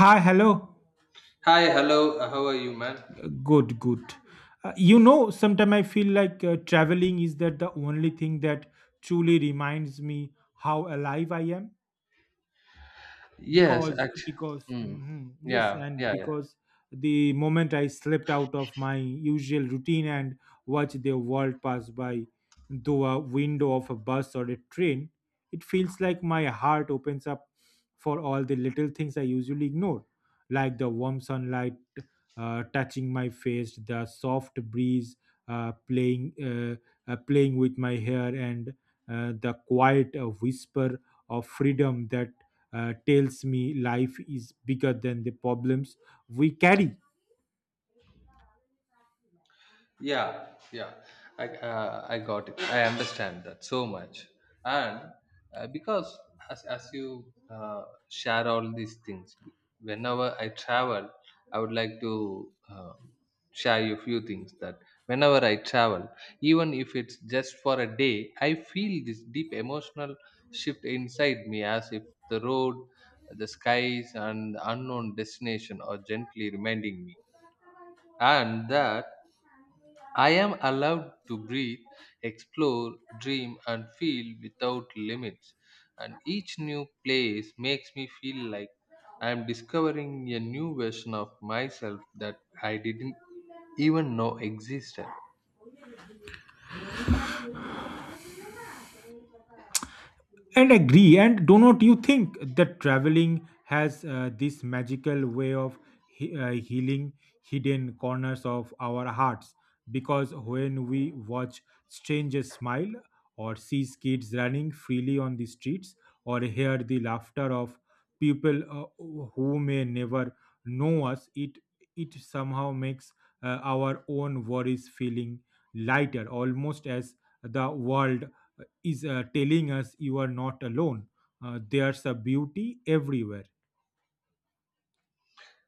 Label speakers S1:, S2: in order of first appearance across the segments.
S1: Hi, hello.
S2: Hi, hello. How are you, man?
S1: Good, good. Sometimes I feel like traveling is that the only thing that truly reminds me how alive I am.
S2: Yes,
S1: because
S2: actually,
S1: because
S2: Mm.
S1: mhm, yes,
S2: Yeah,
S1: and
S2: yeah,
S1: because the moment I slipped out of my usual routine and watched the world pass by through a window of a bus or a train, it feels like my heart opens up for all the little things I usually ignore, like the warm sunlight touching my face, the soft breeze playing with my hair, and the quiet whisper of freedom that tells me life is bigger than the problems we carry.
S2: yeah yeah I got it, I understand that so much, and because as you share all these things, whenever I travel I would like to share you a few things that whenever I travel, even if it's just for a day, I feel this deep emotional shift inside me, as if the road, the skies, and the unknown destination are gently reminding me and that I am allowed to breathe, explore, dream, and feel without limits. And each new place makes me feel like I am discovering a new version of myself that I didn't even know existed.
S1: And agree, and do not you think that traveling has this magical way of healing hidden corners of our hearts? Because when we watch strangers smile, or see kids running freely on the streets, or hear the laughter of people who may never know us, it somehow makes our own worries feeling lighter, almost as the world is telling us, you are not alone. There's a beauty everywhere.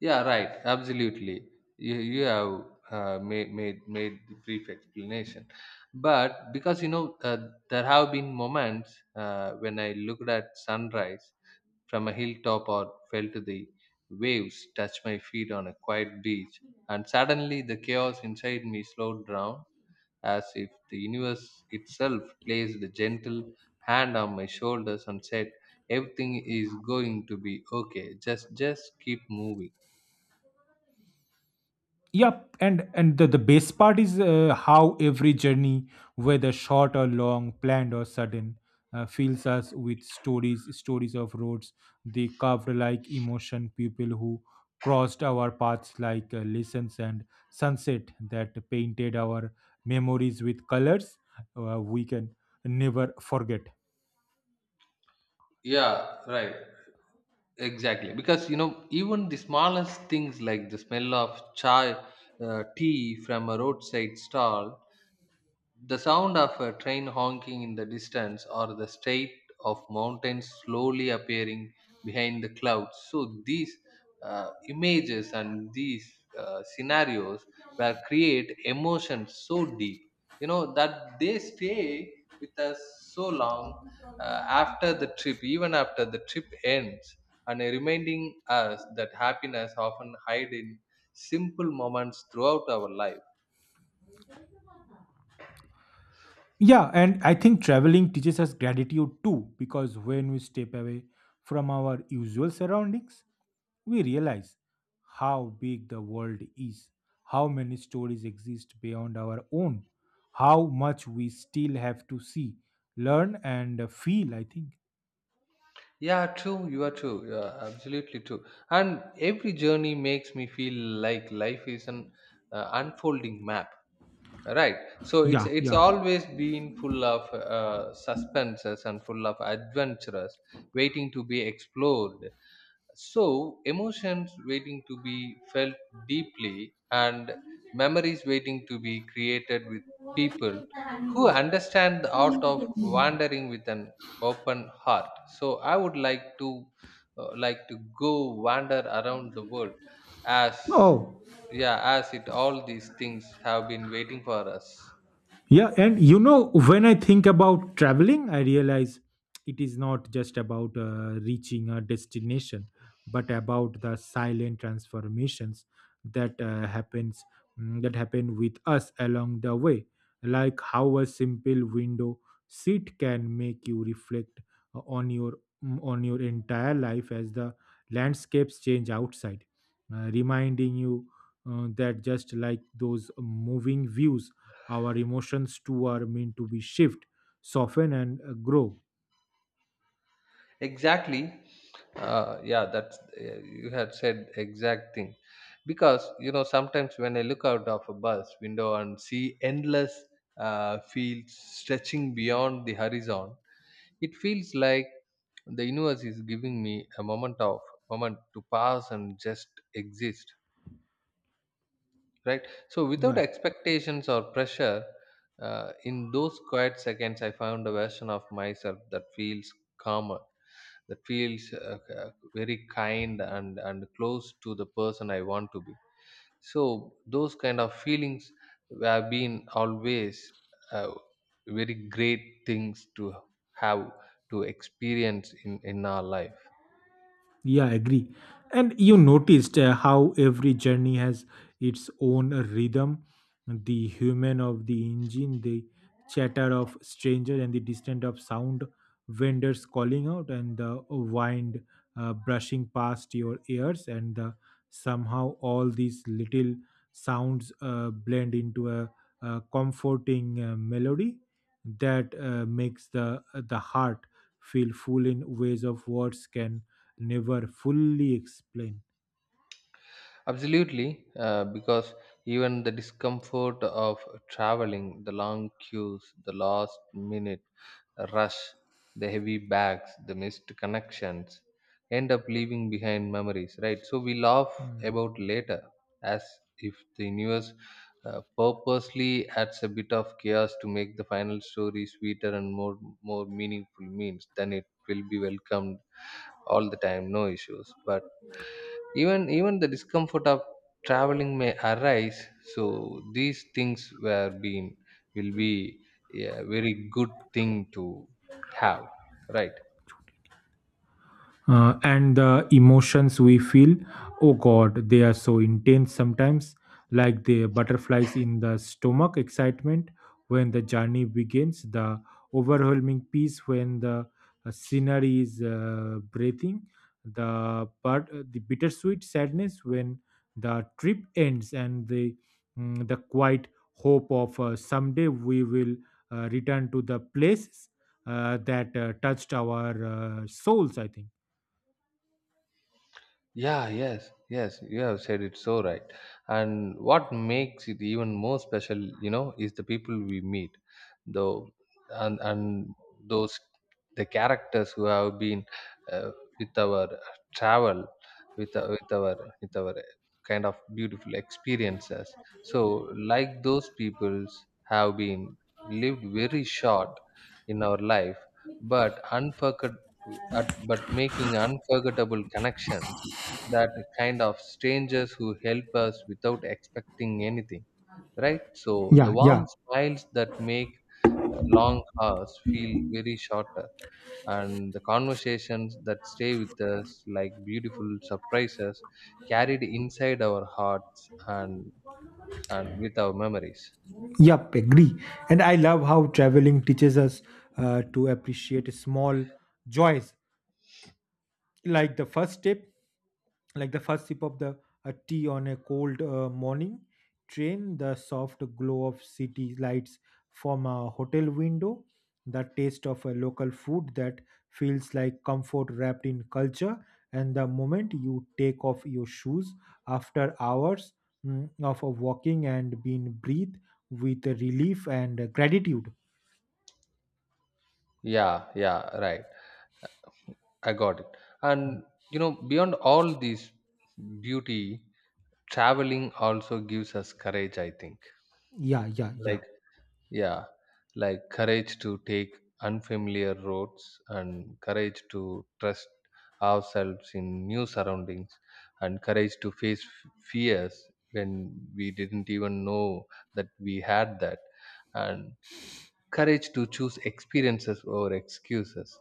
S2: Yeah, right. Absolutely. You have made the brief explanation. But because, you know, there have been moments when I looked at sunrise from a hilltop or felt the waves touch my feet on a quiet beach. And suddenly the chaos inside me slowed down, as if the universe itself placed a gentle hand on my shoulders and said, everything is going to be okay. Just keep moving.
S1: Yep, and the best part is how every journey, whether short or long, planned or sudden, fills us with stories, stories of roads they carved like emotion, people who crossed our paths like lessons, and sunset that painted our memories with colors we can never forget.
S2: Yeah, right. Exactly. Because, you know, even the smallest things like the smell of chai, tea from a roadside stall, the sound of a train honking in the distance, or the state of mountains slowly appearing behind the clouds. So these images and these scenarios will create emotions so deep, you know, that they stay with us so long after the trip, even after the trip ends, and reminding us that happiness often hide in simple moments throughout our life.
S1: Yeah, and I think traveling teaches us gratitude too, because when we step away from our usual surroundings, we realize how big the world is, how many stories exist beyond our own, how much we still have to see, learn, and feel. I think.
S2: Yeah, true. You are true. You are absolutely true. And every journey makes me feel like life is an unfolding map. Right. So it's
S1: Yeah,
S2: it's
S1: yeah.
S2: always been full of suspenses and full of adventures waiting to be explored. So, emotions waiting to be felt deeply, and memories waiting to be created with people who understand the art of wandering with an open heart. So, I would like to go wander around the world as
S1: Oh,
S2: yeah, as it all these things have been waiting for us.
S1: yeah, and you know, when I think about traveling, I realize it is not just about reaching a destination, but about the silent transformations that that happen with us along the way, like how a simple window seat can make you reflect uh, on your on your entire life as the landscapes change outside, reminding you that just like those moving views, our emotions too are meant to be shift, soften, and grow.
S2: Exactly. Yeah, that's you had said exact thing, because you know sometimes when I look out of a bus window and see endless fields stretching beyond the horizon, it feels like the universe is giving me a moment of moment to pass and just exist, right? So without
S1: Yeah.
S2: expectations or pressure, in those quiet seconds I found a version of myself that feels calmer, that feels very kind, and close to the person I want to be. So those kind of feelings have been always uh, very great things to have, to experience in our life.
S1: Yeah, I agree. And you noticed how every journey has its own rhythm. The human of the engine, the chatter of stranger, and the distant of sound vendors calling out, and the wind brushing past your ears, and the, somehow all these little sounds blend into a comforting melody that makes the heart feel full in ways of words can never fully explain.
S2: Absolutely, because even the discomfort of traveling, the long queues, the last minute rush, the heavy bags, the missed connections end up leaving behind memories, right? So we laugh
S1: Hmm.
S2: about later, as if the universe purposely adds a bit of chaos to make the final story sweeter and more meaningful, means then it will be welcomed all the time, no issues, but even the discomfort of traveling may arise. So these things were being will be a very good thing to have, right?
S1: And the emotions we feel, oh god, they are so intense sometimes, like the butterflies in the stomach excitement when the journey begins, the overwhelming peace when the scenery is breathing, the but the bittersweet sadness when the trip ends, and the the quiet hope of someday we will return to the places that touched our souls, I think.
S2: Yeah, yes, yes, you have said it so right. And what makes it even more special, you know, is the people we meet, though, and those, the characters who have been uh, with our travel, with our kind of beautiful experiences. So, like those peoples have been lived very short in our life, but but making unforgettable connections, that kind of strangers who help us without expecting anything, right? So the
S1: Yeah,
S2: warm
S1: yeah,
S2: smiles that make long hours feel very shorter, and the conversations that stay with us like beautiful surprises carried inside our hearts and with our memories.
S1: yep, agree. And I love how traveling teaches us to appreciate small joys, like the first step, like the first sip of the a tea on a cold morning train, the soft glow of city lights from a hotel window, the taste of a local food that feels like comfort wrapped in culture, and the moment you take off your shoes after hours of walking and being breathed with relief and gratitude.
S2: Yeah, yeah, right. I got it. And you know, beyond all this beauty, traveling also gives us courage, I think.
S1: Yeah, yeah, yeah.
S2: Like Yeah, like courage to take unfamiliar roads, and courage to trust ourselves in new surroundings, and courage to face fears when we didn't even know that we had that, and courage to choose experiences over excuses.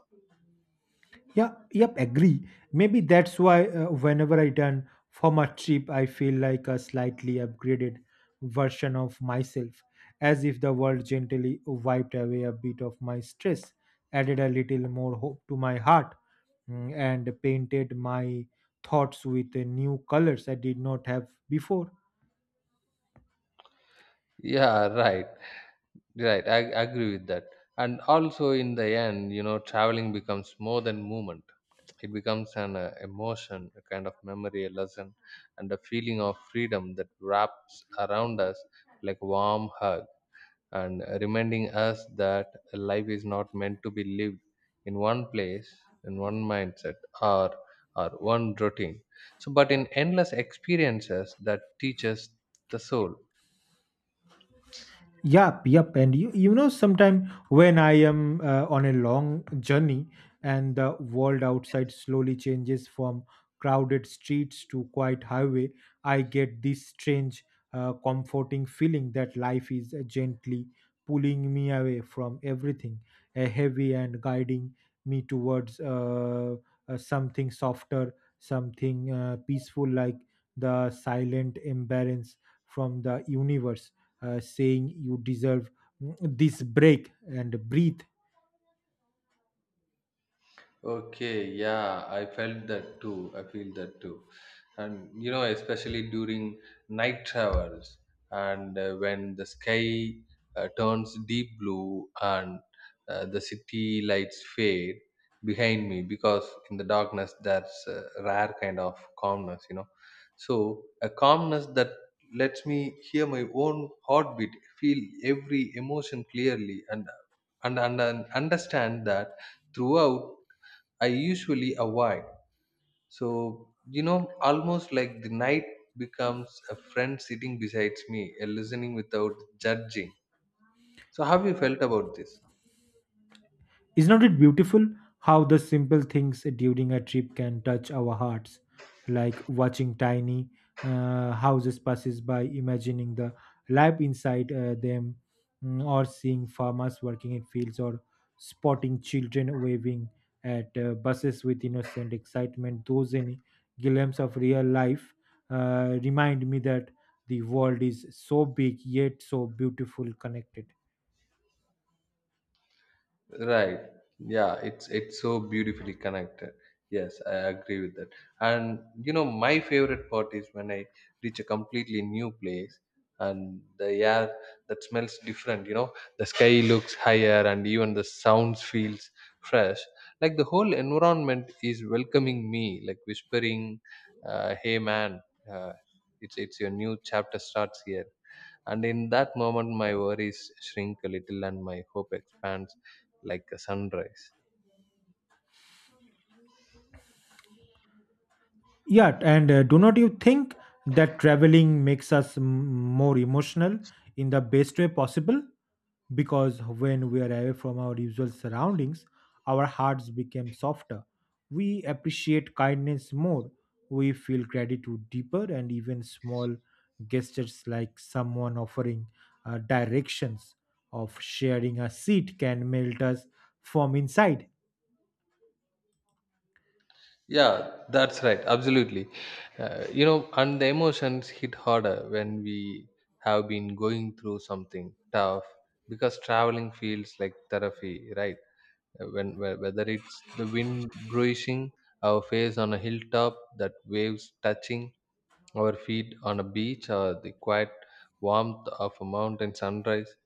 S1: Yeah, yep, agree. Maybe that's why whenever I return from a trip, I feel like a slightly upgraded version of myself, as if the world gently wiped away a bit of my stress, added a little more hope to my heart, and painted my thoughts with new colors I did not have before.
S2: Yeah, right. Right, I agree with that. And also, in the end, you know, traveling becomes more than movement. It becomes an emotion, a kind of memory, a lesson, and a feeling of freedom that wraps around us like a warm hug, and reminding us that life is not meant to be lived in one place, in one mindset, or or one routine. So, but in endless experiences that teaches the soul.
S1: Yup, yup. And you know, sometime when I am on a long journey and the world outside slowly changes from crowded streets to quiet highway, I get this strange, comforting feeling that life is gently pulling me away from everything, heavy, and guiding me towards something softer, something peaceful, like the silent embrace from the universe saying you deserve this break and breathe.
S2: Okay, yeah, I felt that too. I feel that too. And you know, especially during night travels, and when the sky turns deep blue, and the city lights fade behind me, because in the darkness, that's a rare kind of calmness, you know. So, a calmness that lets me hear my own heartbeat, feel every emotion clearly, and and understand that throughout I usually avoid. So, you know, almost like the night becomes a friend sitting beside me, listening without judging. So, how have you felt about this?
S1: Is not it beautiful how the simple things during a trip can touch our hearts, like watching tiny houses passes by, imagining the life inside them, or seeing farmers working in fields, or spotting children waving at buses with innocent excitement. Those any glimpses of real life remind me that the world is so big yet so beautiful connected.
S2: Right. Yeah, it's so beautifully connected. Yes, I agree with that. And you know, my favorite part is when I reach a completely new place, and the air that smells different, you know, the sky looks higher, and even the sounds feels fresh. Like the whole environment is welcoming me, like whispering, "Hey man, uh, it's your new chapter starts here." And in that moment my worries shrink a little and my hope expands like a sunrise.
S1: Yeah, and do not you think that traveling makes us more emotional in the best way possible? Because when we are away from our usual surroundings, our hearts become softer. We appreciate kindness more. We feel gratitude deeper, and even small gestures like someone offering directions of sharing a seat can melt us from inside.
S2: Yeah, that's right. Absolutely. You know, and the emotions hit harder when we have been going through something tough, because traveling feels like therapy, right? When whether it's the wind bruising our face on a hilltop, that waves touching our feet on a beach, or the quiet warmth of a mountain sunrise,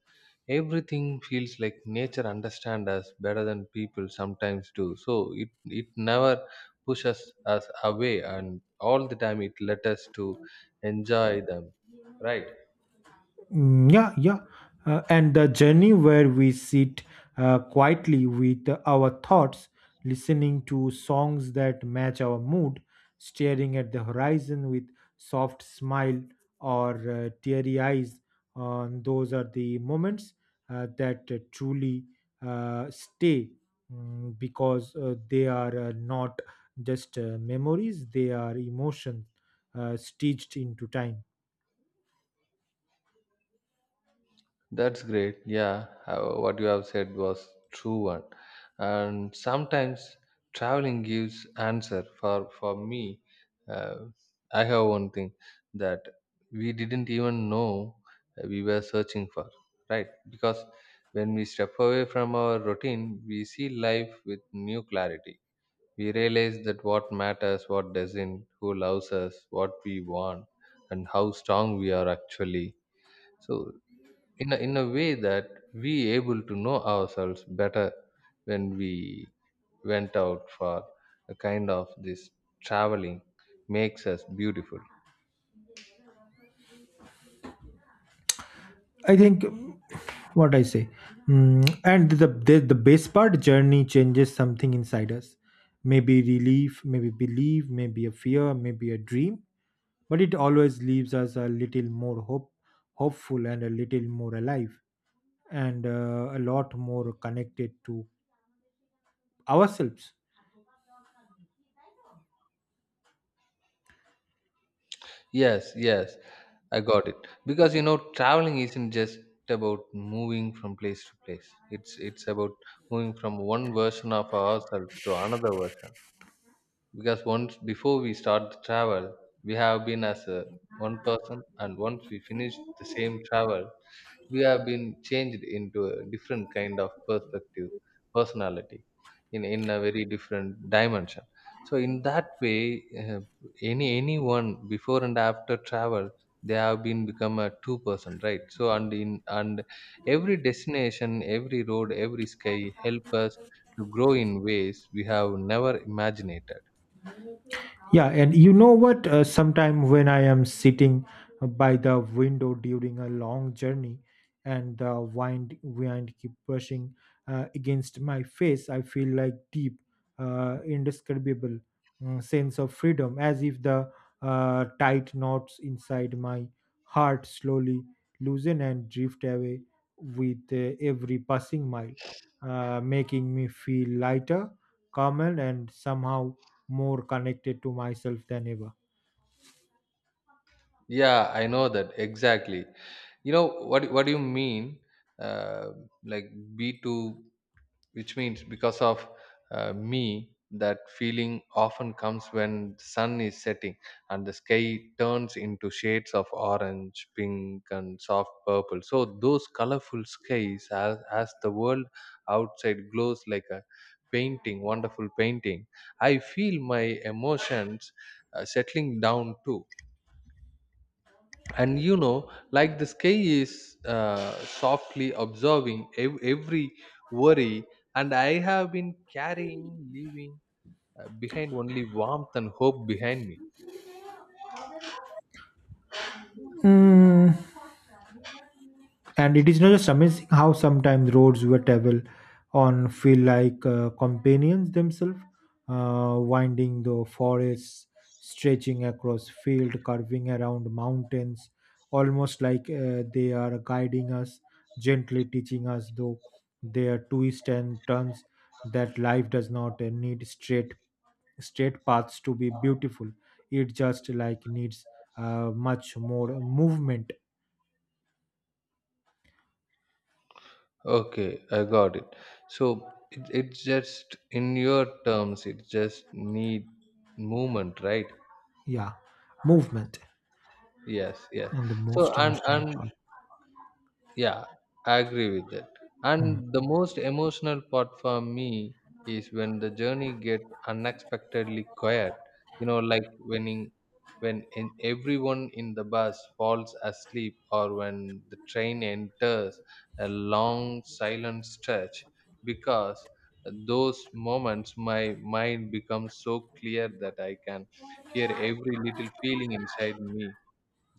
S2: everything feels like nature understand us better than people sometimes do, so it never pushes us away, and all the time it let us to enjoy them, right?
S1: Mm, yeah, yeah. And the journey where we sit quietly with our thoughts, listening to songs that match our mood, staring at the horizon with soft smile or teary eyes. On those are the moments that truly stay, because they are not just memories; they are emotions stitched into time.
S2: That's great. Yeah, what you have said was true one. And sometimes traveling gives answer. For me, uh, I have one thing that we didn't even know we were searching for, right? Because when we step away from our routine, we see life with new clarity. We realize that what matters, what doesn't, who loves us, what we want, and how strong we are actually. So in a way that we able to know ourselves better when we went out for a kind of this traveling makes us beautiful.
S1: I think what I say, and the best part journey changes something inside us. Maybe relief, maybe belief, maybe a fear, maybe a dream, but it always leaves us a little more hope, hopeful, and a little more alive, and a lot more connected to ourselves.
S2: Yes, yes, I got it. Because you know, traveling isn't just about moving from place to place, it's about moving from one version of ourselves to another version, because once before we start the travel we have been as a one person, and once we finish the same travel we have been changed into a different kind of perspective, personality, in a very different dimension. So in that way, uh, any anyone before and after travel, they have been become a two person, right? So and in and every destination, every road, every sky help us to grow in ways we have never imagined.
S1: Yeah, and you know what? Sometime when I am sitting by the window during a long journey and the wind keep brushing against my face, I feel like deep, indescribable sense of freedom, as if the tight knots inside my heart slowly loosen and drift away with every passing mile, making me feel lighter, calmer, and somehow more connected to myself than ever.
S2: Yeah, I know that exactly. You know what do you mean, uh, like B2, which means because of me, that feeling often comes when the sun is setting and the sky turns into shades of orange, pink, and soft purple. So those colorful skies, as the world outside glows like a painting, wonderful painting, I feel my emotions settling down too. And you know, like the sky is softly observing every worry, and I have been carrying, leaving behind only warmth and hope behind me.
S1: Hmm. And it is not just amazing how sometimes roads we travel on feel like companions themselves, winding the forests, stretching across field, curving around mountains, almost like they are guiding us, gently teaching us though their twists and turns that life does not need straight paths to be beautiful. It just like needs much more movement.
S2: Okay, I got it. So it's just in your terms, it just need movement, right?
S1: Yeah, movement.
S2: Yes, yes.
S1: And the
S2: So
S1: most emotional
S2: and
S1: part.
S2: Yeah, I agree with that.
S1: Hmm.
S2: And the most emotional part for me is when the journey get unexpectedly quiet. You know, like when in everyone in the bus falls asleep, or when the train enters a long silent stretch, because those moments my mind becomes so clear that I can hear every little feeling inside me,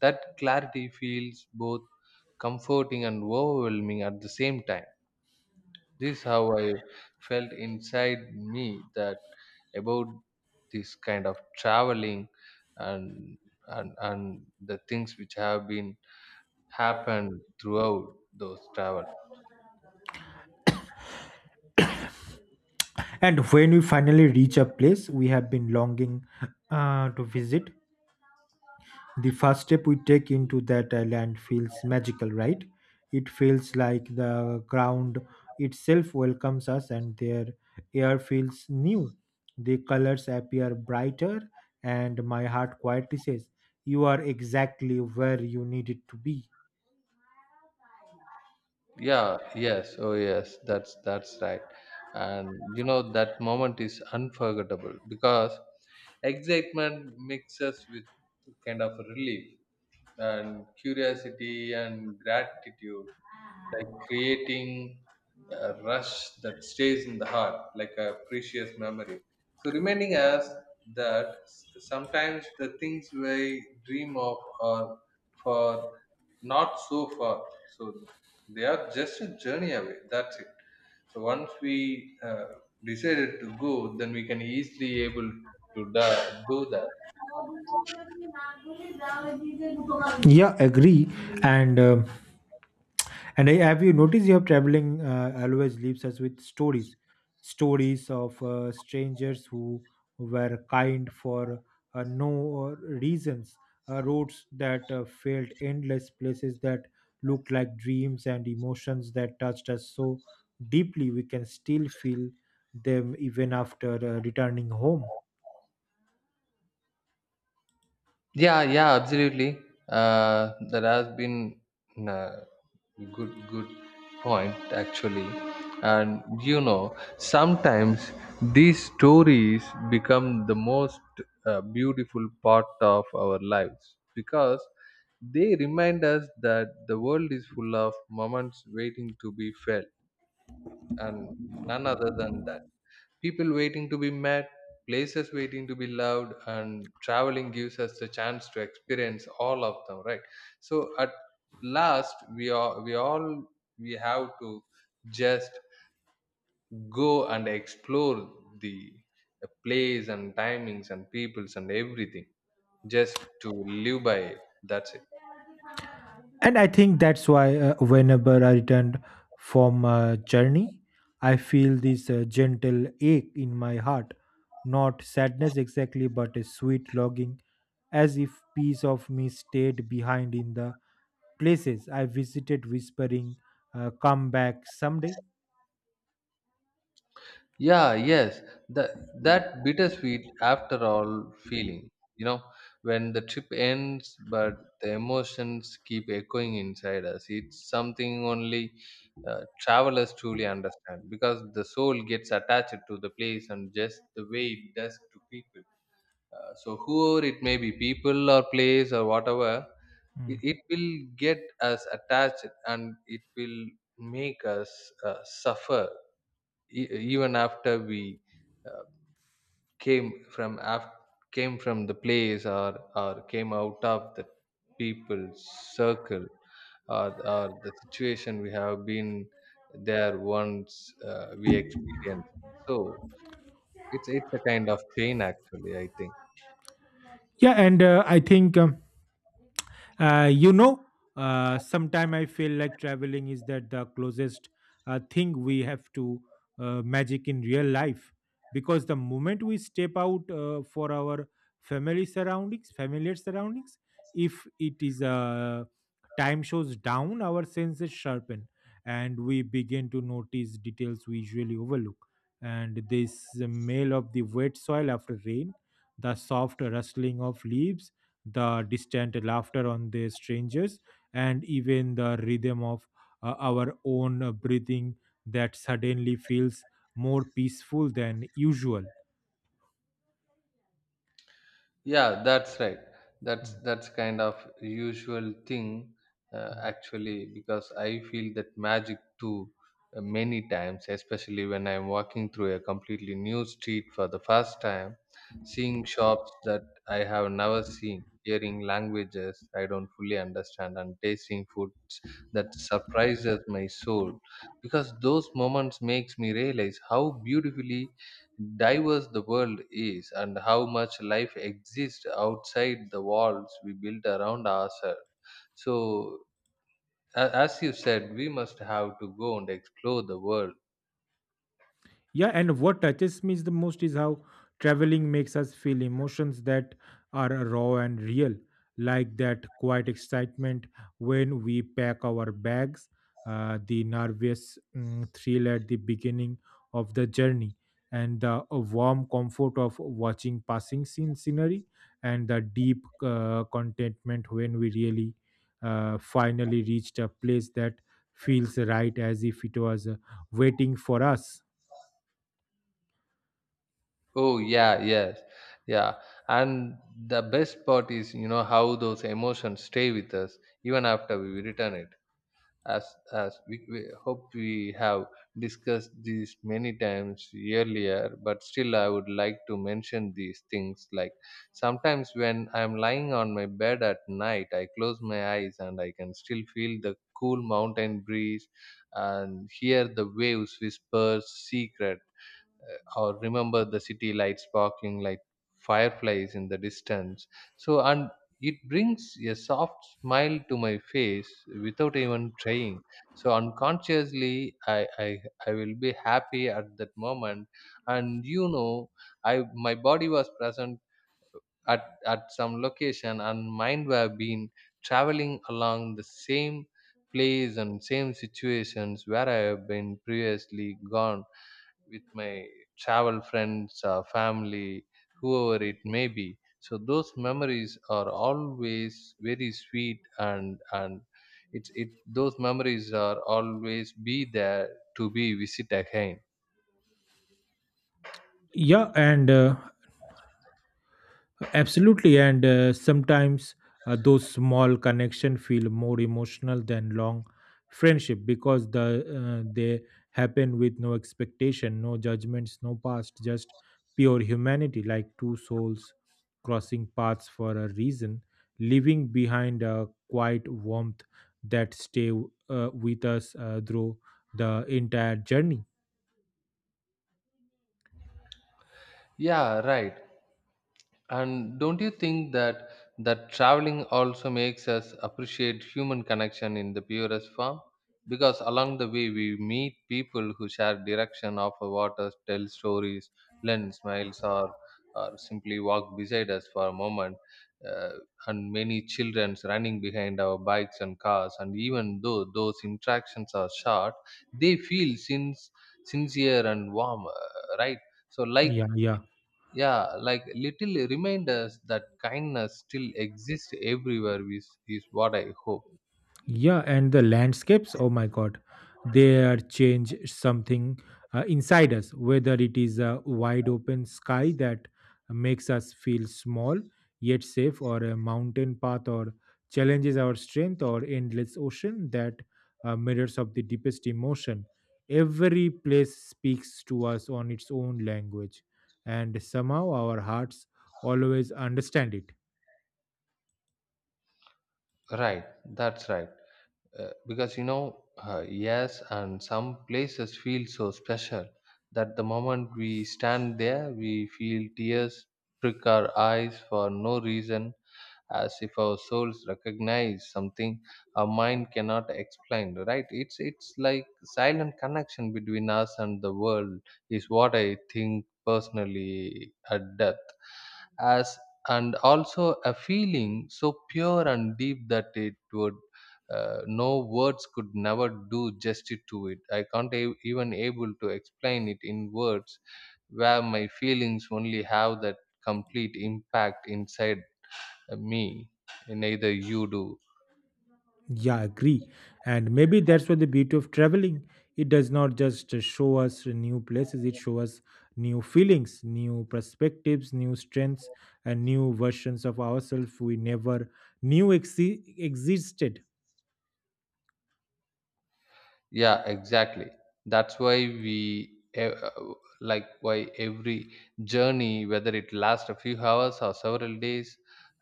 S2: that clarity feels both comforting and overwhelming at the same time. This is how I felt inside me that about this kind of traveling, and and the things which have been happened throughout those travel.
S1: And when we finally reach a place we have been longing to visit, the first step we take into that land feels magical, right? It feels like the ground itself welcomes us and their air feels new. The colors appear brighter, and my heart quietly says, you are exactly where you needed to be.
S2: Yeah, yes, oh yes, that's right. And you know that moment is unforgettable because excitement mixes with kind of relief and curiosity and gratitude, like creating a rush that stays in the heart like a precious memory. So, reminding us that sometimes the things we dream of are for not so far, so they are just a journey away. That's it. So once we decided to go, then we can easily able to do that.
S1: Yeah, agree. And um and I, have you noticed you have traveling always leaves us with stories, stories of strangers who were kind for no reasons, roads that felt endless, places that looked like dreams, and emotions that touched us so deeply we can still feel them even after returning home.
S2: Yeah, yeah, absolutely. That has been uh, good point actually. And you know, sometimes these stories become the most beautiful part of our lives because they remind us that the world is full of moments waiting to be felt and none other than that. People waiting to be met, places waiting to be loved, and traveling gives us the chance to experience all of them, right? So at last, we all we have to just go and explore the the place and timings and peoples and everything just to live by it. That's it.
S1: And I think that's why whenever I return from a journey, I feel this gentle ache in my heart. Not sadness exactly, but a sweet longing, as if piece of me stayed behind in the places I visited, whispering, come back someday.
S2: Yeah, yes, that that bittersweet after all feeling, you know, when the trip ends, but the emotions keep echoing inside us. It's something only travelers truly understand because the soul gets attached to the place and just the way it does to people. So whoever it may be, people or place or whatever, it,
S1: Mm.
S2: it will get us attached and it will make us suffer e- even after we uh, came from came from the place or came out of the people's circle or or the situation we have been there once we experience so it's a kind of pain actually I think.
S1: Yeah, and I think. You know, sometime I feel like traveling is that the closest thing we have to magic in real life, because the moment we step out for our familiar surroundings, if it is time shows down, our senses sharpen and we begin to notice details we usually overlook. And this smell of the wet soil after rain, the soft rustling of leaves, the distant laughter on the strangers, and even the rhythm of our own breathing that suddenly feels more peaceful than usual.
S2: Yeah, that's right.
S1: Hmm.
S2: That's kind of usual thing
S1: Hmm.
S2: actually because I feel that magic too many times, especially when I'm walking through a completely new street for the first time, seeing shops that I have never seen, hearing languages I don't fully understand, and tasting foods that surprises my soul. Because those moments makes me realize how beautifully diverse the world is and how much life exists outside the walls we build around ourselves. So, as you said, we must have to go and explore the world.
S1: Yeah, and what touches me the most is how traveling makes us feel emotions that are raw and real, like that quiet excitement when we pack our bags, the nervous thrill at the beginning of the journey, and the warm comfort of watching passing scene scenery, and the deep contentment when we really finally reached a place that feels right, as if it was waiting for us.
S2: Oh, yeah, yes, yeah. And the best part is, how those emotions stay with us even after we return it as as we hope we have discussed these many times earlier, but still I would like to mention these things, like sometimes when I'm lying on my bed at night I close my eyes and I can still feel the cool mountain breeze and hear the waves whisper secret, or remember the city lights sparkling like fireflies in the distance. So, and it brings a soft smile to my face without even trying. So, unconsciously, I will be happy at that moment. And you know, I my body was present at some location, and mind were been traveling along the same place and same situations where I have been previously gone with my travel friends, family, whoever it may be. So those memories are always very sweet, and it's it those memories are always be there to be visit again.
S1: Yeah, and absolutely. And sometimes those small connection feel more emotional than long friendship, because the they happen with no expectation, no judgments, no past, just pure humanity, like two souls crossing paths for a reason, leaving behind a quiet warmth that stay with us through the entire journey.
S2: Yeah, right. And don't you think that that traveling also makes us appreciate human connection in the purest form? Because along the way we meet people who share direction of our waters, tell stories, lend smiles, or simply walk beside us for a moment. Uh, and many children running behind our bikes and cars. And even though those interactions are short, they feel since sincere and warm, right? So, like
S1: Yeah, yeah.
S2: yeah, like little reminders that kindness still exists everywhere is what I hope.
S1: Yeah, and the landscapes, oh my God, they are change something inside us, whether it is a wide open sky that makes us feel small yet safe, or a mountain path or challenges our strength, or endless ocean that mirrors of the deepest emotion. Every place speaks to us on its own language, and somehow our hearts always understand it.
S2: Right, that's right. Because you know, yes, and some places feel so special that the moment we stand there we feel tears prick our eyes for no reason, as if our souls recognize something our mind cannot explain, right? It's like silent connection between us and the world is what I think personally at death as, and also a feeling so pure and deep that it would, no words could never do justice to it. I can't even able to explain it in words, where my feelings only have that complete impact inside me, neither you do.
S1: Yeah, agree. And maybe that's what the beauty of traveling. It does not just show us new places, it shows us new feelings, new perspectives, new strengths, and new versions of ourselves we never knew existed.
S2: Yeah, exactly, that's why we like why every journey, whether it lasts a few hours or several days,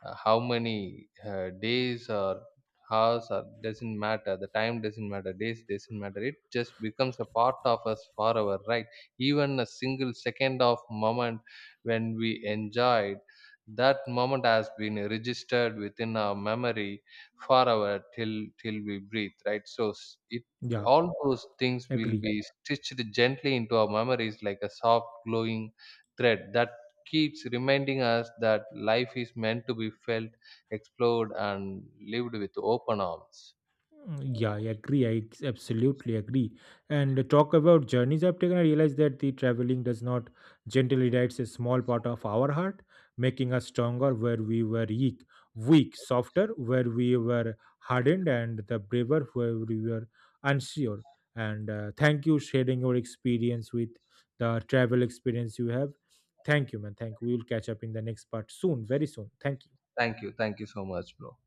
S2: how many days or hours or doesn't matter, the time doesn't matter, days doesn't matter, it just becomes a part of us forever, right? Even a single second of moment when we enjoyed that moment has been registered within our memory forever till till we breathe, right? So it
S1: Yeah,
S2: all those things will
S1: agree.
S2: be stitched gently into our memories like a soft, glowing thread that keeps reminding us that life is meant to be felt, explored, and lived with open arms.
S1: Mm, yeah, I agree. I absolutely agree. And talk about journeys I've taken, I realize that the traveling does not gently. Writes a small part of our heart, making us stronger where we were weak, weak, softer where we were hardened, and the braver where we were unsure. And thank you sharing your experience with the travel experience you have. Thank you, man. Thank you. We will catch up in the next part soon, very soon. Thank you.
S2: Thank you. Thank you so much, bro.